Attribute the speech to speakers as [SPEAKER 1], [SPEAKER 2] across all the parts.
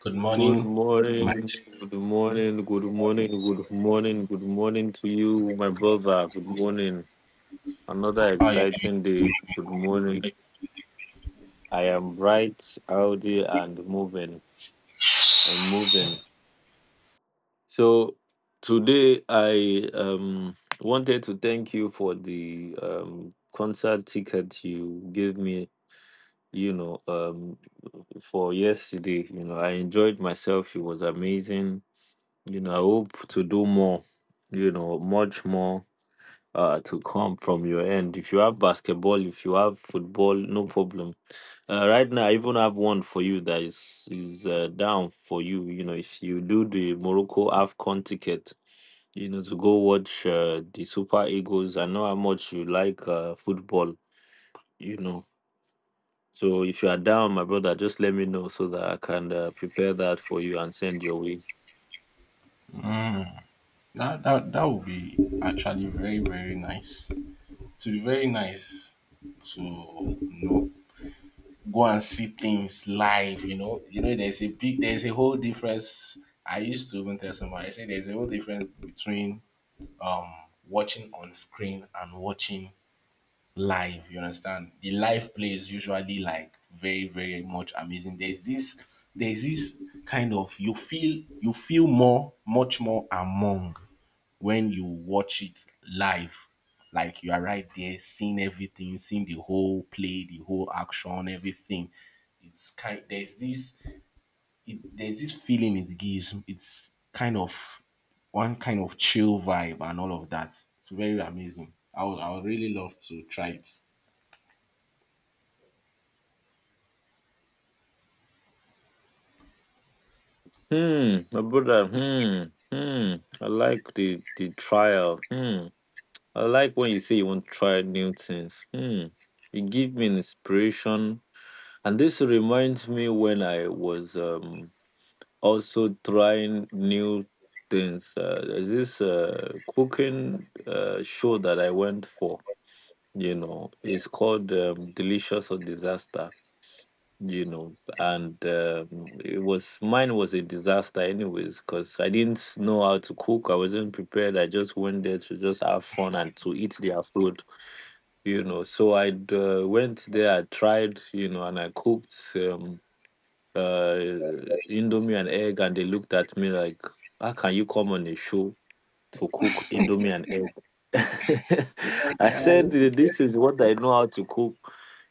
[SPEAKER 1] Good
[SPEAKER 2] Good
[SPEAKER 1] morning, my
[SPEAKER 2] morning,
[SPEAKER 1] chief.
[SPEAKER 2] good morning, good morning, good morning, good morning to you, my brother. Good morning. Another
[SPEAKER 1] How are you doing?
[SPEAKER 2] exciting
[SPEAKER 1] This
[SPEAKER 2] day. Good morning. I am bright, healthy, and moving and moving. So today I wanted to thank you for the concert ticket you gave me, you know, um for yesterday. I enjoyed myself. It was amazing. I hope to do more, much more to come from your end. If you have basketball, if you have football, no problem. Right now, I even have one for you that is down for you. If you do the Morocco AFCON ticket, to go watch the Super Eagles. I know how much you like football, you know. So if you are down, my brother, just let me know so that I can prepare that for you and send your way.
[SPEAKER 1] That would be actually very, very nice. It would be very nice to go and see things live, you know. You know, there's a whole difference. I used to even tell somebody, I say there's a whole difference between um watching on screen and watching live. You understand? The live play is usually like very, very much amazing. There's this kind of you feel more, much more among when you watch it live. Like you are right there, seeing everything, seeing the whole play, the whole action, everything. It's kind there's this it, there's this feeling it gives. It's kind of one kind of chill vibe and all of that. It's very amazing. I would really love to try it.
[SPEAKER 2] Hmm, my brother. Hmm, hmm. I like the trial. Hmm, I like when you say you want to try new things. Hmm, you give me an inspiration, and this reminds me when I was also trying new things. There's this cooking show that I went for. It's called Delicious or Disaster, and it was mine was a disaster anyways, because I didn't know how to cook. I wasn't prepared. I just went there to just have fun and to eat their food, so I went there. I tried, and I cooked uh indomie and egg, and they looked at me like, how can you come on a show to cook indomie and egg? I said, this is what I know how to cook.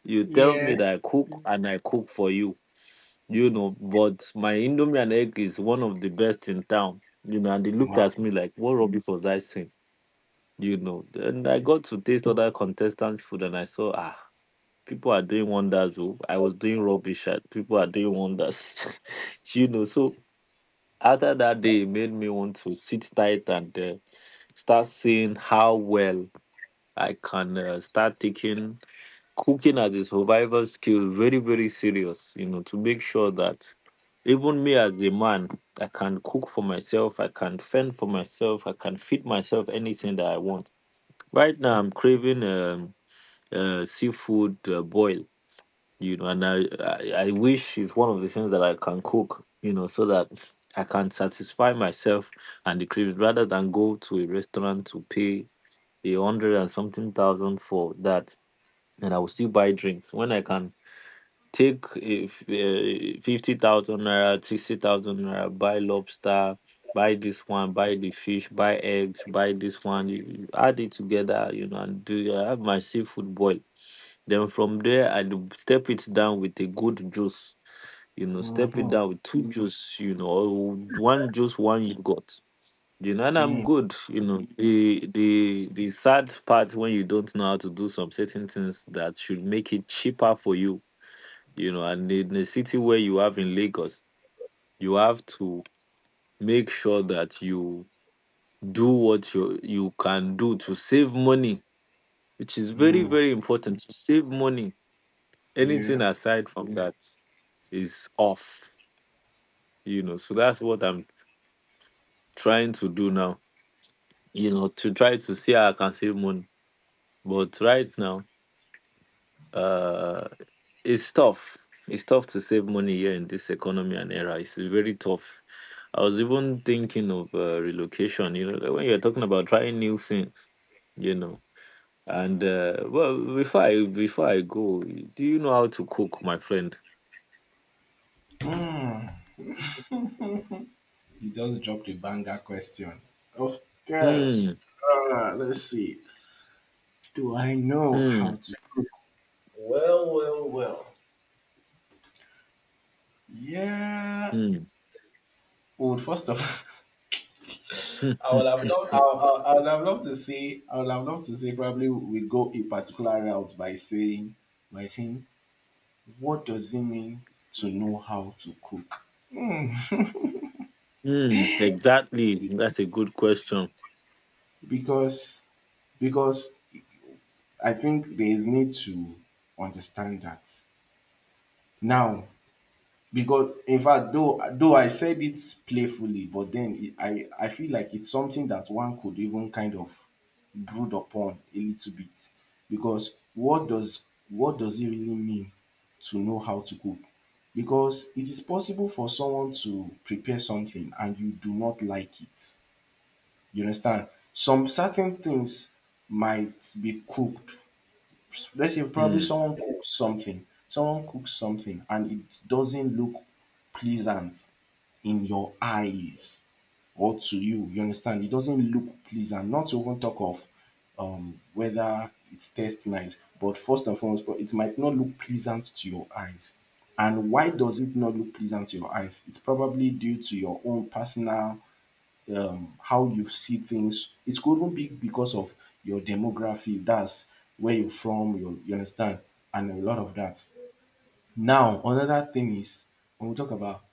[SPEAKER 2] You tell me that I cook and I cook for you, but my Indomie and egg is one of the best in town, and they looked
[SPEAKER 1] Wow,
[SPEAKER 2] at me like, what rubbish was I saying, Then I got to taste other contestants' food and I saw, ah, people are doing wonders. Oh. I was doing rubbish, ah, people are doing wonders, So after that day, it made me want to sit tight and start seeing how well I can start taking cooking as a survival skill very, very serious, to make sure that even me as a man, I can cook for myself, I can fend for myself, I can feed myself anything that I want. Right now I'm craving seafood boil, and I wish it's one of the things that I can cook, so that I can satisfy myself and the cravings, rather than go to a restaurant to pay a hundred and something thousand for that, and I will still buy drinks. When I can take, if 50,000 naira, 60,000 naira, buy lobster, buy this one, buy the fish, buy eggs, buy this one. You add it together, and do I have my seafood boil. Then from there, I do step it down with a good juice, step it down with two juice, or one juice, one yogurt. And I'm good. The sad part when you don't know how to do some certain things that should make it cheaper for you, you know and in a city where you have, in Lagos, you have to make sure that you do what you can do to save money, which is very, very important. To save money, anything
[SPEAKER 1] yeah.
[SPEAKER 2] aside from that is off, so that's what I'm trying to do now, to try to see how I can save money. But right now, uh. it's tough. It's tough to save money here in this economy and era. It's very tough. I was even thinking of relocation, like when you're talking about trying new things, you know. And well, before I go, do you know how to cook, my friend?
[SPEAKER 1] You just dropped a banger question. Of course.
[SPEAKER 2] Hmm.
[SPEAKER 1] Let's see. Do I know how
[SPEAKER 2] Hmm.
[SPEAKER 1] to cook? Well, well, well. Yeah.
[SPEAKER 2] Hmm.
[SPEAKER 1] Well, first of all, I would have loved. I would have loved to say. I would have loved to say. Probably we go a particular route by saying, by saying, what does it mean to know how to cook? Hmm.
[SPEAKER 2] Hmm. Exactly. That's a good question.
[SPEAKER 1] because because I think there is need to understand that now because in fact though I said it playfully, but then it, I feel like it's something that one could even kind of brood upon a little bit. Because what does it really mean to know how to cook? Because it is possible for someone to prepare something and you do not like it, you understand. Some certain things might be cooked. Let's say probably
[SPEAKER 2] Hmm.
[SPEAKER 1] someone cooks something and it doesn't look pleasant in your eyes or to you, you understand. It doesn't look pleasant, not to even talk of whether it's tastes nice. But first and foremost, but it might not look pleasant to your eyes. And why does it not look pleasant to your eyes? It's probably due to your own personal, how you see things. It could even be because of your demography, that's where you're from, you understand, and a lot of that. Now, another thing is when we talk about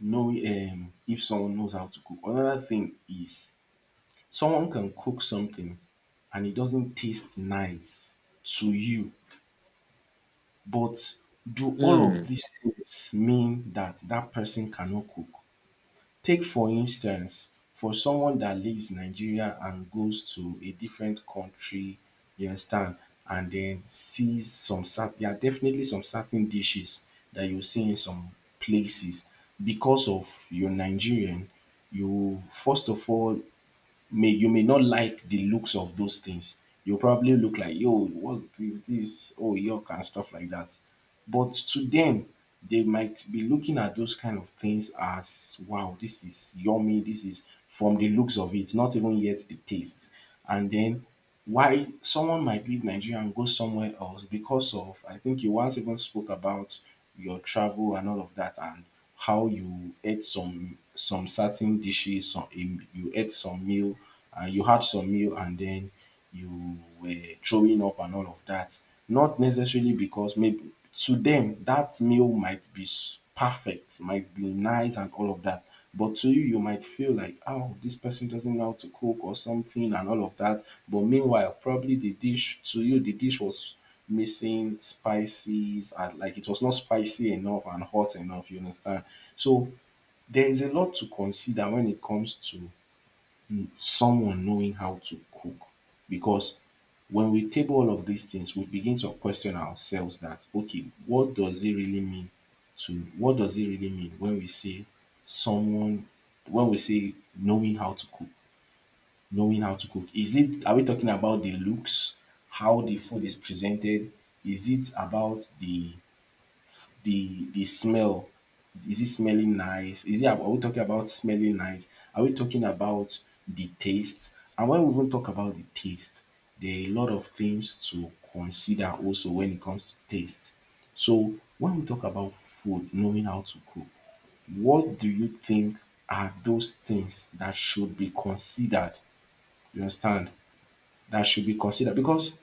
[SPEAKER 1] knowing, if someone knows how to cook, another thing is someone can cook something and it doesn't taste nice to you, but do all of
[SPEAKER 2] Hmm.
[SPEAKER 1] these things mean that that person cannot cook? Take for instance, for someone that leaves Nigeria and goes to a different country, you understand, and then sees some certain, there are definitely some certain dishes that you see in some places. Because of your Nigerian, you first of all may, you may not like the looks of those things. You probably look like, yo, what's this? This, oh yuck, and stuff like that. But to them, they might be looking at those kind of things as wow, this is yummy, this is from the looks of it, not even yet the taste. And then why someone might leave Nigeria and go somewhere else, because of I think you once even spoke about your travel and all of that, and how you ate some certain dishes, some you ate some meal and you had some meal, and then you were throwing up and all of that. Not necessarily, because maybe to them that meal might be s- perfect, might be nice and all of that. But to you, you might feel like, oh, this person doesn't know how to cook or something and all of that. But meanwhile, probably the dish to you, the dish was missing spices and like it was not spicy enough and hot enough, you understand? So there is a lot to consider when it comes to someone knowing how to cook. Because when we table all of these things, we begin to question ourselves that okay, what does it really mean to, what does it really mean when we say someone, when we say knowing how to cook, knowing how to cook, is it, are we talking about the looks, how the food is presented? Is it about the smell? Is it smelling nice? Is it, are we talking about smelling nice? Are we talking about the taste? And when we even talk about the taste, there are a lot of things to consider also when it comes to taste. So when we talk about food, knowing how to cook, what do you think are those things that should be considered? You understand? That should be considered. Because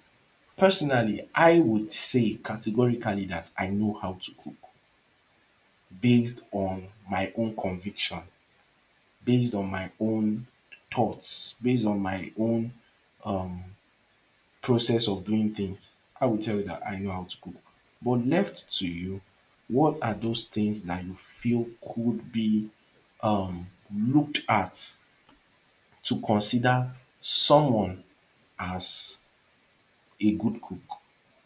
[SPEAKER 1] personally I would say categorically that I know how to cook based on my own conviction, based on my own thoughts, based on my own process of doing things, I will tell you that I know how to cook. But left to you, what are those things that you feel could be um, looked at to consider someone as a good cook?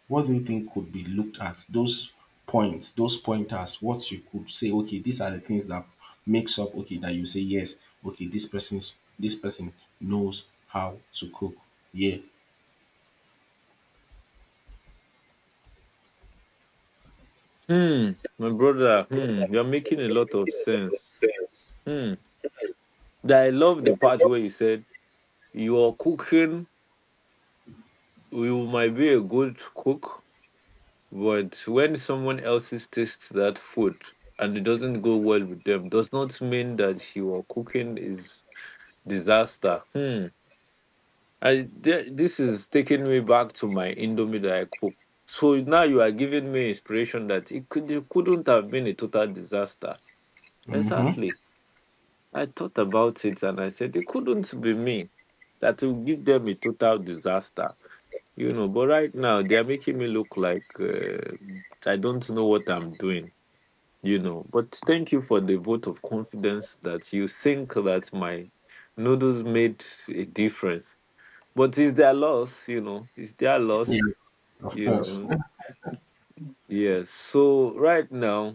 [SPEAKER 1] What do you think could be looked at? Those points, those pointers, what you could say, okay, these are the things that makes up, okay, that you say, yes, okay, this person knows how to cook. Yeah.
[SPEAKER 2] Hmm. My brother. Hmm. You're making a lot of sense. Hmm. That I love the part where you said, your cooking, you might be a good cook, but when someone else's tastes that food and it doesn't go well with them, does not mean that your cooking is disaster. Hmm. I th- this is taking me back to my Indomie that I cook. So now you are giving me inspiration that it couldn't have been a total disaster.
[SPEAKER 1] Hmm.
[SPEAKER 2] Exactly. I thought about it and I said it couldn't be me that will give them a total disaster. But right now they are making me look like I don't know what I'm doing, but thank you for the vote of confidence, that you think that my noodles made a difference. But it's their loss, it's their
[SPEAKER 1] Yeah.
[SPEAKER 2] loss,
[SPEAKER 1] Of
[SPEAKER 2] you
[SPEAKER 1] course.
[SPEAKER 2] know yes, so right now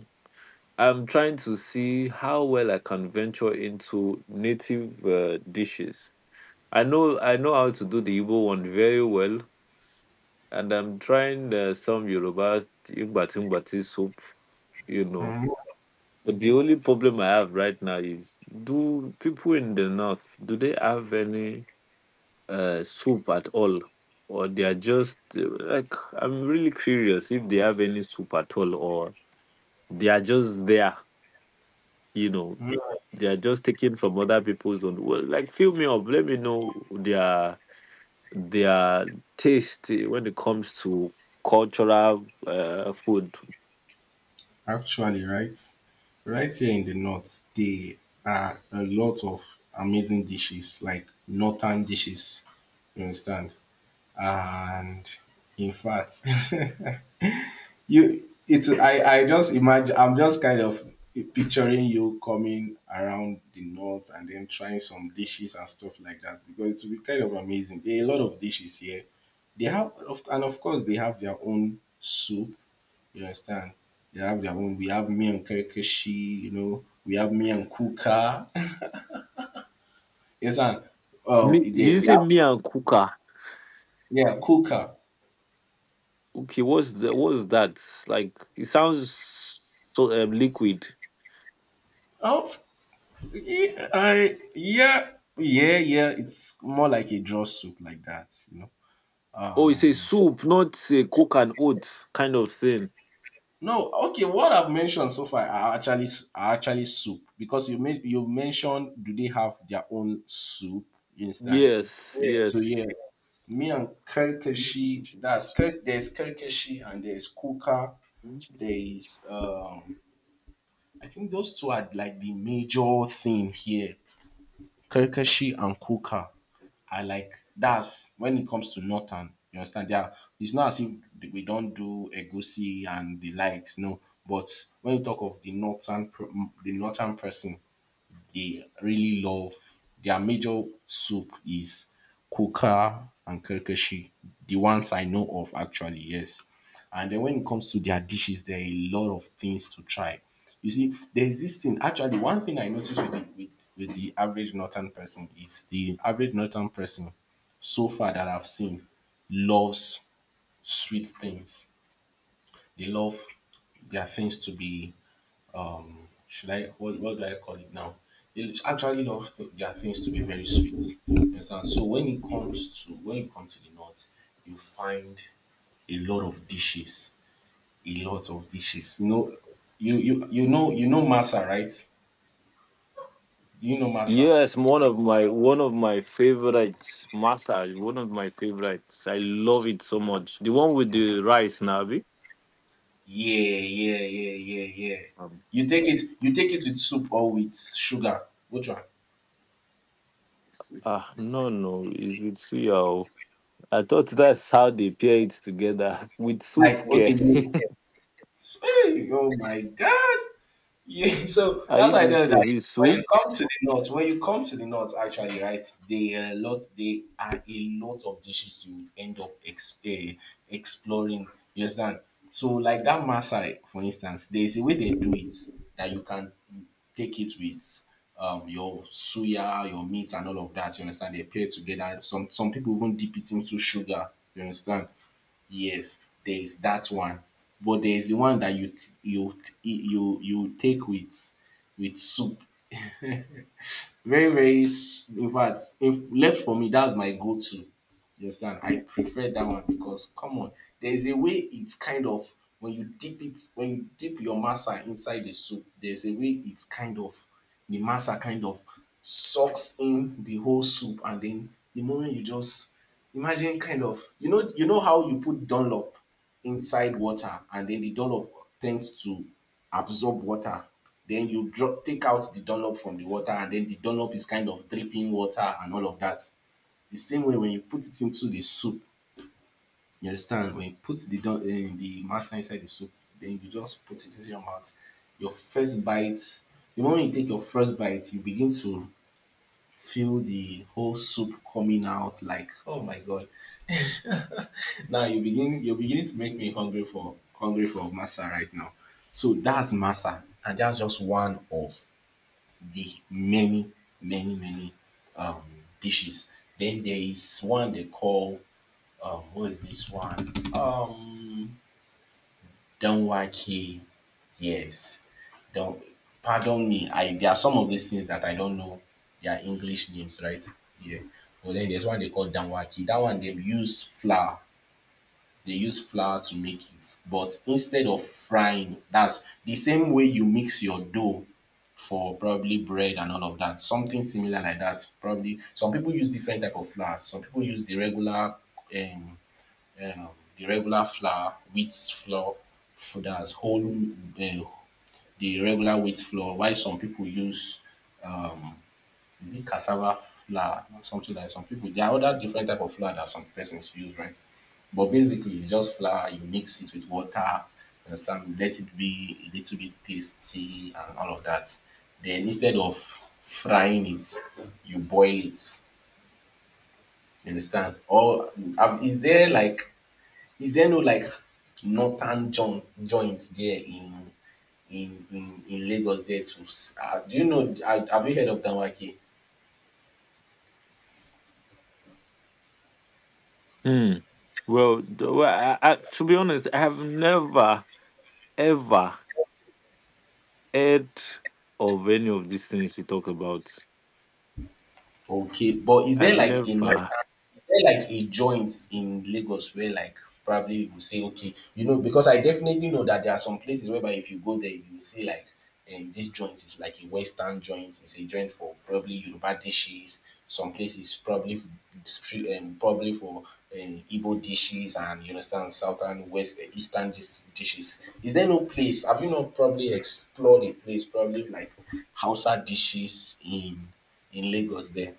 [SPEAKER 2] I'm trying to see how well I can venture into native dishes. I know how to do the Igbo one very well, and I'm trying some Yoruba Igbatimbati soup, you know. But the only problem I have right now is, do people in the north, do they have any soup at all? Or they are just like, I'm really curious if they have any soup at all, or they are just there, you know.
[SPEAKER 1] Mhm.
[SPEAKER 2] They are just taken from other people's own. Well, like, fill me up, let me know their taste when it comes to cultural food.
[SPEAKER 1] Actually, right? Right here in the north, there are a lot of amazing dishes, like northern dishes, you understand? And in fact you, I just imagine. I'm just kind of picturing you coming around the north and then trying some dishes and stuff like that, because it will be kind of amazing. There are a lot of dishes here. They have, of, and of course, they have their own soup. You understand? They have their own. We have me and kerkeshi. You know, we have me and kuka. Yes, understand?
[SPEAKER 2] Me,
[SPEAKER 1] Um,
[SPEAKER 2] did
[SPEAKER 1] they,
[SPEAKER 2] you
[SPEAKER 1] they
[SPEAKER 2] say
[SPEAKER 1] have
[SPEAKER 2] me and Kuka?
[SPEAKER 1] yeah kuka.
[SPEAKER 2] Okay, what's the what's that? Like it sounds so liquid.
[SPEAKER 1] Oh, yeah, I yeah. It's more like a draw soup like that. You know.
[SPEAKER 2] Oh, it's a
[SPEAKER 1] And
[SPEAKER 2] soup, not a cook and oats kind of thing.
[SPEAKER 1] no, okay. What I've mentioned so far are actually, are actually soup, because you mentioned do they have their own soup instant?
[SPEAKER 2] Yes,
[SPEAKER 1] So yeah,
[SPEAKER 2] yes,
[SPEAKER 1] me and Kirkashi. That's Kirk. There's Kirkashi and there's Kuka. There's I think those two are like the major thing here. Kirkashi and Kuka. I like, that's when it comes to northern, you understand? They are, it's not as if we don't do egusi and the likes, no. But when you talk of the northern pro-, the northern person, they really love, their major soup is kuka and karkashi. The ones I know of actually, yes. And then when it comes to their dishes, there are a lot of things to try. You see, there's this thing. Actually, one thing I noticed with the average northern person is, the average northern person so far that I've seen loves sweet things. They love their things to be, should I, what do I call it now? They actually love th- their things to be very sweet. You understand? So when it comes to, when you come to the north, you find a lot of dishes, a lot of dishes. You know, you know masa, right? Do you know masa?
[SPEAKER 2] yes. One of my favorites, massage. One of my favorites. I love it so much. The one with the rice, Nabi.
[SPEAKER 1] Yeah, yeah, yeah, yeah, yeah.
[SPEAKER 2] Um,
[SPEAKER 1] You take it, with soup or with sugar. Which one?
[SPEAKER 2] ah, no, no, it's with suya. Oh. I thought that's how they pair it together with
[SPEAKER 1] Like
[SPEAKER 2] soup.
[SPEAKER 1] okay,
[SPEAKER 2] Care.
[SPEAKER 1] you-, s- hey, oh my god! Yeah, so
[SPEAKER 2] Are
[SPEAKER 1] that's
[SPEAKER 2] you
[SPEAKER 1] why I
[SPEAKER 2] being
[SPEAKER 1] tell you
[SPEAKER 2] serious?
[SPEAKER 1] that
[SPEAKER 2] With
[SPEAKER 1] when you
[SPEAKER 2] soup?
[SPEAKER 1] come to the north, actually, right, they are a lot of dishes you end up ex- eh, exploring. You understand? So, like that Masai, for instance, there is a way they do it that you can take it with your suya, your meat, and all of that. You understand? They pair together. Some people even dip it into sugar. You understand? Yes, there is that one. But there is the one that you you take with soup. Very very s-, in fact, if left for me, that's my go-to. You understand? I prefer that one, because come on, there's a way it's kind of, when you dip it, when you dip your masa inside the soup, there's a way it's kind of, the masa kind of sucks in the whole soup, and then the moment you just imagine, kind of, you know, how you put Dunlop inside water, and then the Dunlop tends to absorb water. Then you drop, take out the Dunlop from the water, and then the Dunlop is kind of dripping water and all of that. The same way when you put it into the soup, you understand, when you put the don the masa inside the soup, then you just put it into your mouth. Your first bite, the moment you take your first bite, you begin to feel the whole soup coming out like oh my god. Now you're beginning to make me hungry for masa right now. So that's masa, and that's just one of the many, many, many um dishes. Then there is one they call who is this one? Don Waki, yes. not pardon me, I, there are some of these things that I don't know their English names, right? Yeah. But then there's one they call Danwaki. That one they use flour. They use flour to make it. But instead of frying, that's the same way you mix your dough for probably bread and all of that. Something similar like that. Probably some people use different type of flour. Some people use um um, the regular flour, wheat flour for uh, the regular wheat flour. Why some people use, is it cassava flour or something, like some people, there are other different type of flour that some persons use, right? But basically it's just flour, you mix it with water, you understand, let it be a little bit pasty and all of that. Then instead of frying it, you boil it. You understand? Or have, is there like, is there no like northern joint there in in Lagos there to s- ah, do you know, have you heard of Danwake?
[SPEAKER 2] Mm. To be honest, I have never ever heard of any of these things you talk about.
[SPEAKER 1] Okay, but is
[SPEAKER 2] I've
[SPEAKER 1] there like a northern,
[SPEAKER 2] never.
[SPEAKER 1] is there like a joint in Lagos where, like, probably you say, okay, you know, because I definitely know that there are some places whereby if you go there, you will see like, this joint is like a Western joint, it's a joint for probably Yoruba dishes, some places probably probably for Igbo dishes, and you understand southern, west, eh, eastern dishes. Is there no place? Have you not probably explored a place probably like Hausa dishes in Lagos there?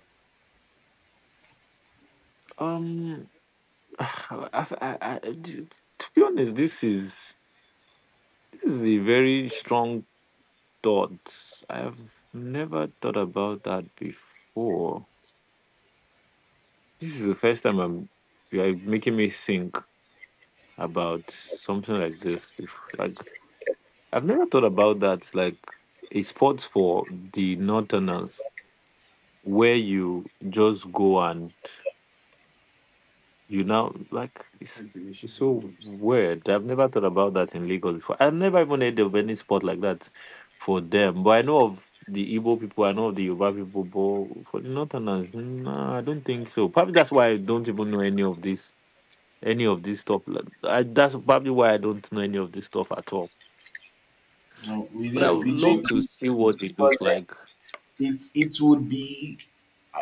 [SPEAKER 2] Um, I've, I, d- to be honest, this is a very strong thought. I've never thought about that before. This is the first time I'm. You're making me think about something like this. If like. I've never thought about that. Like a sport for the northerners where you just go and you know, like it's so weird. I've never thought about that in Lagos before. I've never even heard of any sport like that for them. But I know of the Igbo people, I know of the Yoruba people, but for the northerners, nah, I don't think so. Probably that's why I don't even know any of this stuff. That's probably why I don't know any of this stuff at all.
[SPEAKER 1] No,
[SPEAKER 2] But I
[SPEAKER 1] within
[SPEAKER 2] would love
[SPEAKER 1] between,
[SPEAKER 2] to see what they look
[SPEAKER 1] but
[SPEAKER 2] like.
[SPEAKER 1] it would be,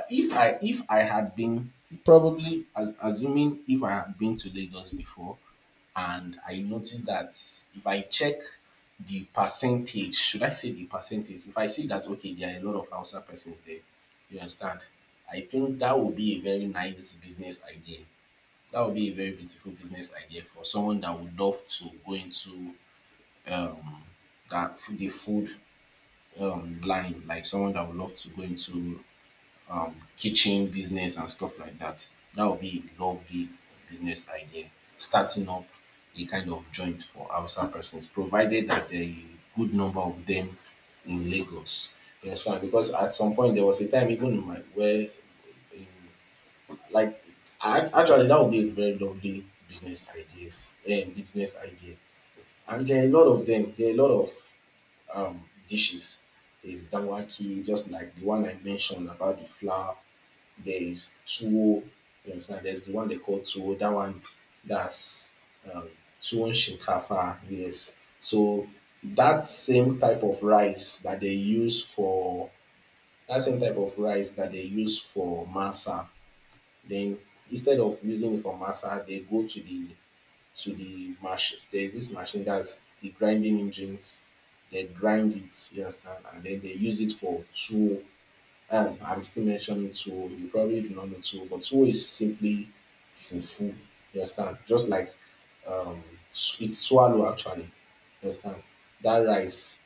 [SPEAKER 1] if I had been probably assuming if I had been to Lagos before, and I noticed that, if I check the percentage, should I say the percentage? If I see that, okay, there are a lot of Hausa persons there, you understand? I think that would be a very nice business idea. That would be a very beautiful business idea for someone that would love to go into um that the food line, like someone that would love to go into kitchen business and stuff like that. That would be a lovely business idea. Starting up a kind of joint for Hausa persons, provided that there are a good number of them in Lagos. You understand? Because at some point there was a time even in my where in, like, I, actually that would be a very lovely business idea, and there are a lot of them, there are a lot of dishes. There's dawaki, just like the one I mentioned about the flour. There is tuwo, you understand? There's the one they call tuwo, that one that's um, tuwo shinkafa, yes. So that same type of rice that they use for that same type of rice that they use for masa, then instead of using it for masa, they go to the machine. There's this machine, that's the grinding engines. They grind it, you understand, and then they use it for tool. I'm still mentioning tool. You probably do not know tool, but tool is simply fufu. You understand? Just like, um, it's swallow actually. You understand? That rice,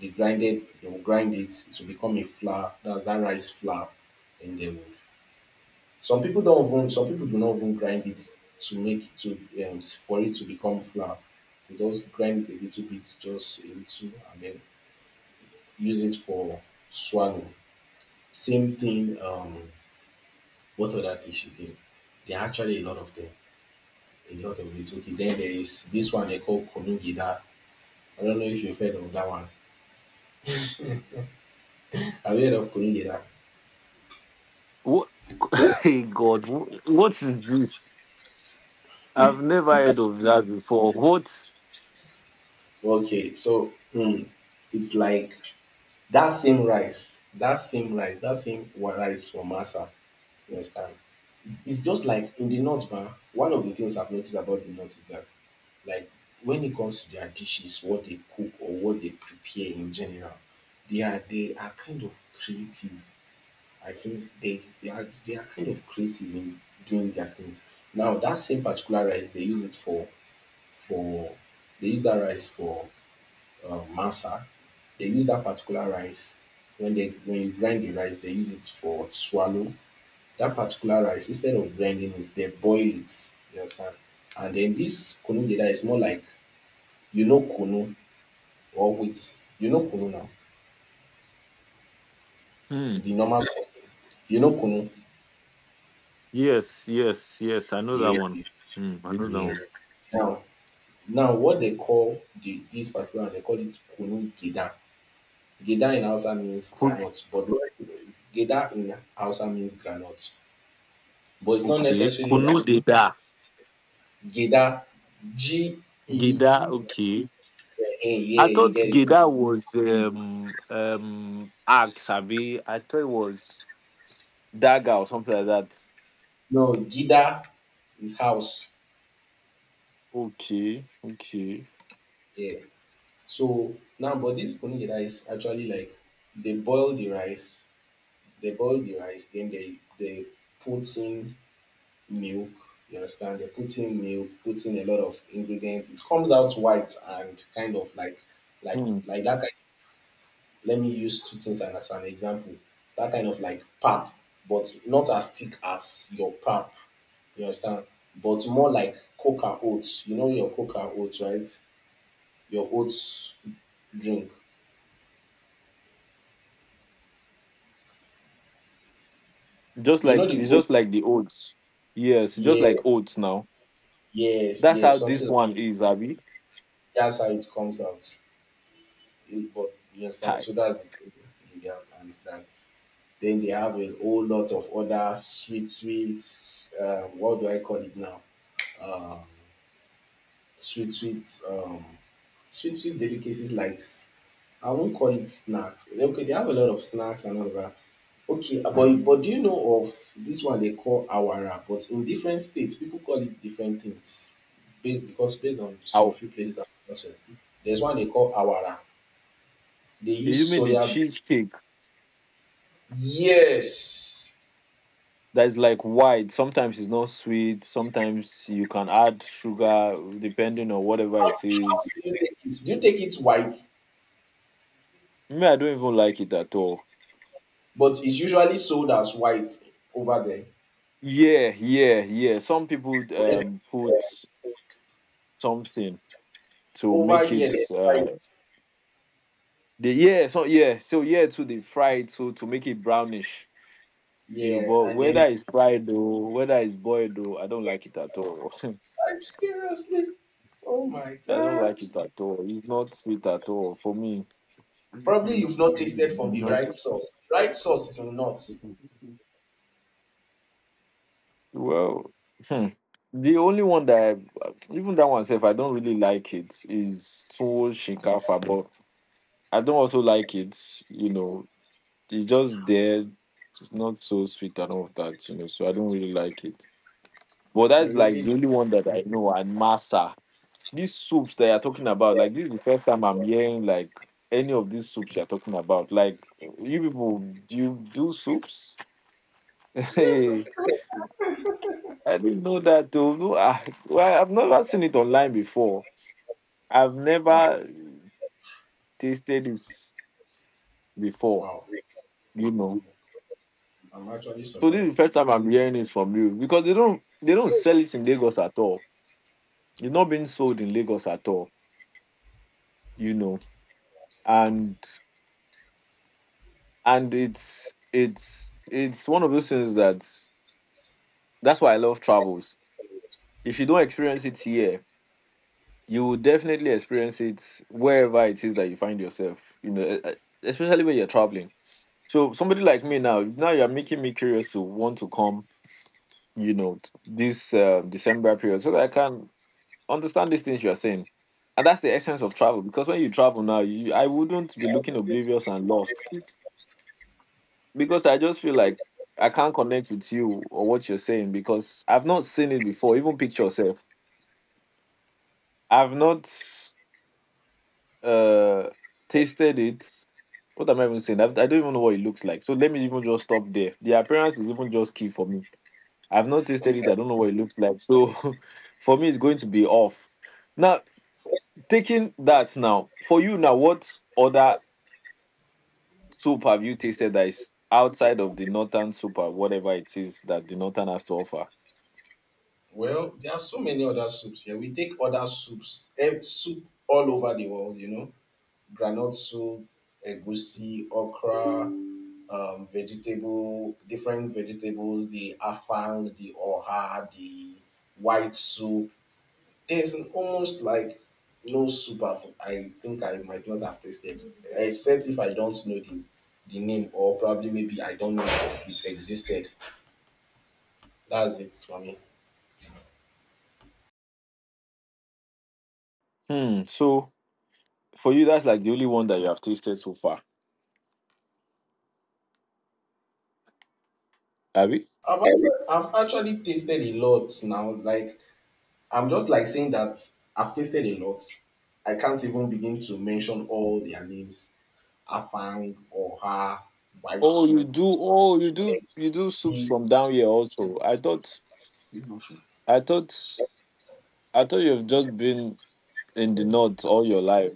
[SPEAKER 1] they grind it, they will grind it to become a flour. That's that rice flour, and they would, some people do not even grind it to make to for it to become flour. They just grind it a little bit, just a little, and then use it for swallow. Same thing. What other dish again? There are actually a lot of them, a lot of it. Okay, then there is this one they call kunigida. I don't know if you've heard of that one. Have you heard of kunigida?
[SPEAKER 2] What? Hey God, wh- what is this? I've never heard of that before. What?
[SPEAKER 1] Okay, so it's like, that same rice for masa, you understand. It's just like in the north, man. One of the things I've noticed about the north is that, like, when it comes to their dishes, what they cook or what they prepare in general, they are kind of creative. I think they are kind of creative in doing their things. Now that same particular rice, they use it for they use that rice for masa. They use that particular rice when they, when you grind the rice, they use it for swallow. That particular rice, instead of blending it, they boil it. You understand? And then this kunu geda is more like, you know kunu, or wheat. You know kunu now.
[SPEAKER 2] Hmm.
[SPEAKER 1] The normal, you know kunu.
[SPEAKER 2] Yes, yes, yes. I know that one.
[SPEAKER 1] Yes.
[SPEAKER 2] Hmm. I know that one.
[SPEAKER 1] Yes. Now, now what they call, the this particular one, they call it kunu geda. Geda in Hausa means
[SPEAKER 2] Kun-
[SPEAKER 1] groundnut, but geda in Hausa means groundnut. It's not
[SPEAKER 2] Okay.
[SPEAKER 1] necessarily
[SPEAKER 2] Kuno
[SPEAKER 1] that
[SPEAKER 2] Geda.
[SPEAKER 1] geda G E
[SPEAKER 2] Geda. Okay.
[SPEAKER 1] N yeah,
[SPEAKER 2] I
[SPEAKER 1] you
[SPEAKER 2] thought
[SPEAKER 1] get it.
[SPEAKER 2] Geda was axe. Abi. I thought it was dagger or something like that.
[SPEAKER 1] No, gida is house.
[SPEAKER 2] Okay. Okay.
[SPEAKER 1] Yeah. So now, but this kunu gida is actually like, they boil the rice, then they put in milk. You understand? They put in milk, put in a lot of ingredients. It comes out white and kind of like,
[SPEAKER 2] Hmm.
[SPEAKER 1] that kind. Let me use two things as an example. That kind of like pap, but not as thick as your pap. You understand? But more like coca oats. You know your coca oats, right? Your oats drink.
[SPEAKER 2] Just
[SPEAKER 1] You know
[SPEAKER 2] like
[SPEAKER 1] the
[SPEAKER 2] it's
[SPEAKER 1] oat?
[SPEAKER 2] just like the oats. Yes, just
[SPEAKER 1] Yeah,
[SPEAKER 2] like oats now.
[SPEAKER 1] yes,
[SPEAKER 2] That's
[SPEAKER 1] yes,
[SPEAKER 2] how
[SPEAKER 1] something
[SPEAKER 2] this
[SPEAKER 1] like,
[SPEAKER 2] one is, Abby.
[SPEAKER 1] that's how it comes out. It, but you understand? So that's the thing. Yeah, and that. Then they have a whole lot of other sweet, sweet, what do I call it now? Uh, sweet sweet um sweet, sweet delicacies like I won't call it snacks. Okay, they have a lot of snacks and all that. Okay, but do you know of this one they call awara? But in different states, people call it different things, based on some
[SPEAKER 2] Ow.
[SPEAKER 1] few places. And also, there's one they call awara. They use
[SPEAKER 2] You mean the
[SPEAKER 1] soya bean.
[SPEAKER 2] cheesecake
[SPEAKER 1] Yes.
[SPEAKER 2] that is like white? Sometimes it's not sweet. Sometimes you can add sugar depending on whatever it
[SPEAKER 1] How
[SPEAKER 2] is.
[SPEAKER 1] do you take it? Do you take it white?
[SPEAKER 2] Me, I don't even like it at all.
[SPEAKER 1] But it's usually sold as white over there.
[SPEAKER 2] Yeah, yeah, yeah. Some people
[SPEAKER 1] For-
[SPEAKER 2] put something to
[SPEAKER 1] over
[SPEAKER 2] make
[SPEAKER 1] here, they
[SPEAKER 2] it
[SPEAKER 1] fry it.
[SPEAKER 2] the yeah, so yeah, so yeah, to the fry it to make it brownish. You,
[SPEAKER 1] Yeah,
[SPEAKER 2] but
[SPEAKER 1] and yeah,
[SPEAKER 2] whether
[SPEAKER 1] then,
[SPEAKER 2] it's fried or whether it's boiled, or I don't like it at all. I
[SPEAKER 1] like, seriously, oh my
[SPEAKER 2] don't
[SPEAKER 1] god.
[SPEAKER 2] like it at all. It's not sweet at all for me.
[SPEAKER 1] Probably you've not tasted from the
[SPEAKER 2] No.
[SPEAKER 1] right sauce. Right sauce is nuts.
[SPEAKER 2] Well, hmm, the only one that I, even that one self I don't really like it, is Tuwo Shinkafa, but I don't also like it. You know, it's just there. It's not so sweet and all of that, so I don't really like it. But
[SPEAKER 1] You
[SPEAKER 2] that's like
[SPEAKER 1] really.
[SPEAKER 2] the only one that I know. And Masa, these soups that you're talking about, like this is the first time I'm hearing, like, any of these soups you're talking about. Like, you people, do you do soups?
[SPEAKER 1] Yes, of course.
[SPEAKER 2] I didn't know that too. No, I, well, I've never seen it online before. I've
[SPEAKER 1] Wow,
[SPEAKER 2] never tasted it before.
[SPEAKER 1] wow.
[SPEAKER 2] You know,
[SPEAKER 1] I'm actually
[SPEAKER 2] so this is the
[SPEAKER 1] surprised.
[SPEAKER 2] first time I'm hearing it from you, because they don't sell it in Lagos at all. It's not being sold in Lagos at all. You know, and and it's one of those things that that's why I love travels. If you don't experience it here, you will definitely experience it wherever it is that you find yourself. Especially when you're traveling. So somebody like me now, now you're making me curious to want to come, t- this December period so that I can understand these things you are saying. And that's the essence of travel, because when you travel now, you, I wouldn't be looking oblivious and lost, because I just feel like I can't connect with you or what you're saying because I've not seen it before. Even picture yourself. I've not uh, tasted it. What am I even saying? I don't even know what it looks like. So let me even just stop there. The appearance is even just key for me. I've not tasted it. I don't know what it looks like. So for me, it's going to be off. Now, taking that now, for you now, what other soup have you tasted that is outside of the northern soup or whatever it is that the northern has to offer?
[SPEAKER 1] Well, there are so many other soups here. We take other soups, eh, soup all over the world, you know, granite soup, egusi, okra, vegetable, different vegetables, the afang, the oha, the white soup, there's an almost like no super. I think I might not have tasted, except if I don't know the name, or probably maybe I don't know it, it existed. That's it for me.
[SPEAKER 2] Hmm. So for you, that's like the only one that you have tasted so far. Have you?
[SPEAKER 1] I've actually tasted a lot now. Like, I'm just like saying that I've tasted a lot. I can't even begin to mention all their names. Afang, Oha, white
[SPEAKER 2] Oh, you
[SPEAKER 1] soup,
[SPEAKER 2] do. Oh, you do. You do soups
[SPEAKER 1] egg.
[SPEAKER 2] from down here also. I thought. I thought. I thought you've just been in the north all your life.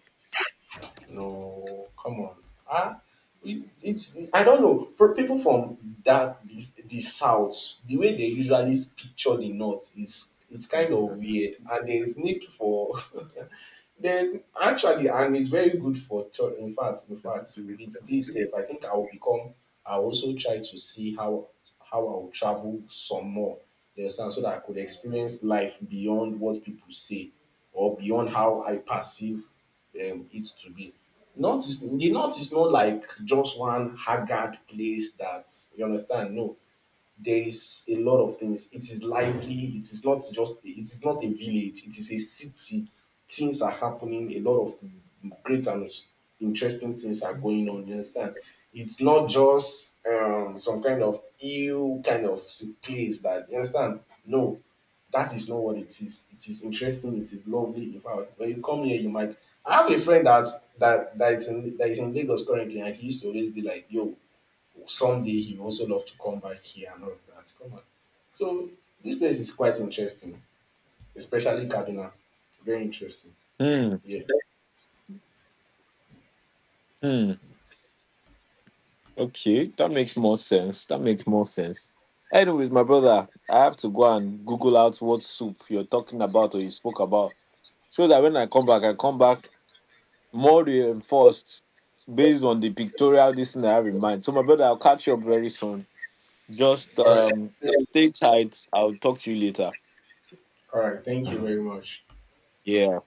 [SPEAKER 1] No, come on. Ah, it, it's, I don't know. Pro- people from that the south, the way they usually picture the north is, it's kind of weird, and there's need for. There's actually, and it's very good for church. In fact, with this, if, I think I will become, I will also try to see how I will travel some more. You understand, so that I could experience life beyond what people say or beyond how I perceive it to be. North is the north is not like just one haggard place that you understand. No, there is a lot of things. It is lively. It is not just, it is not a village. It is a city. Things are happening. A lot of great and interesting things are going on. You understand? It's not just some kind of ill kind of place that, you understand. No, that is not what it is. It is interesting. It is lovely. In fact, when you come here, you might. I have a friend that is in Lagos currently, and he used to always be like, "Yo, someday he will also love to come back here and all of that. Come on. So this place is quite interesting, especially Kaduna. Very interesting.
[SPEAKER 2] Hmm.
[SPEAKER 1] Yeah.
[SPEAKER 2] Hmm. Okay, that makes more sense. That makes more sense. Anyways, my brother, I have to go and Google out what soup you're talking about or you spoke about, so that when I come back more reinforced based on the pictorial this thing I have in mind. So, my brother, I'll catch you up very soon. Just
[SPEAKER 1] All right.
[SPEAKER 2] stay tight. I'll talk to you later.
[SPEAKER 1] All right. Thank you very much.
[SPEAKER 2] Yeah.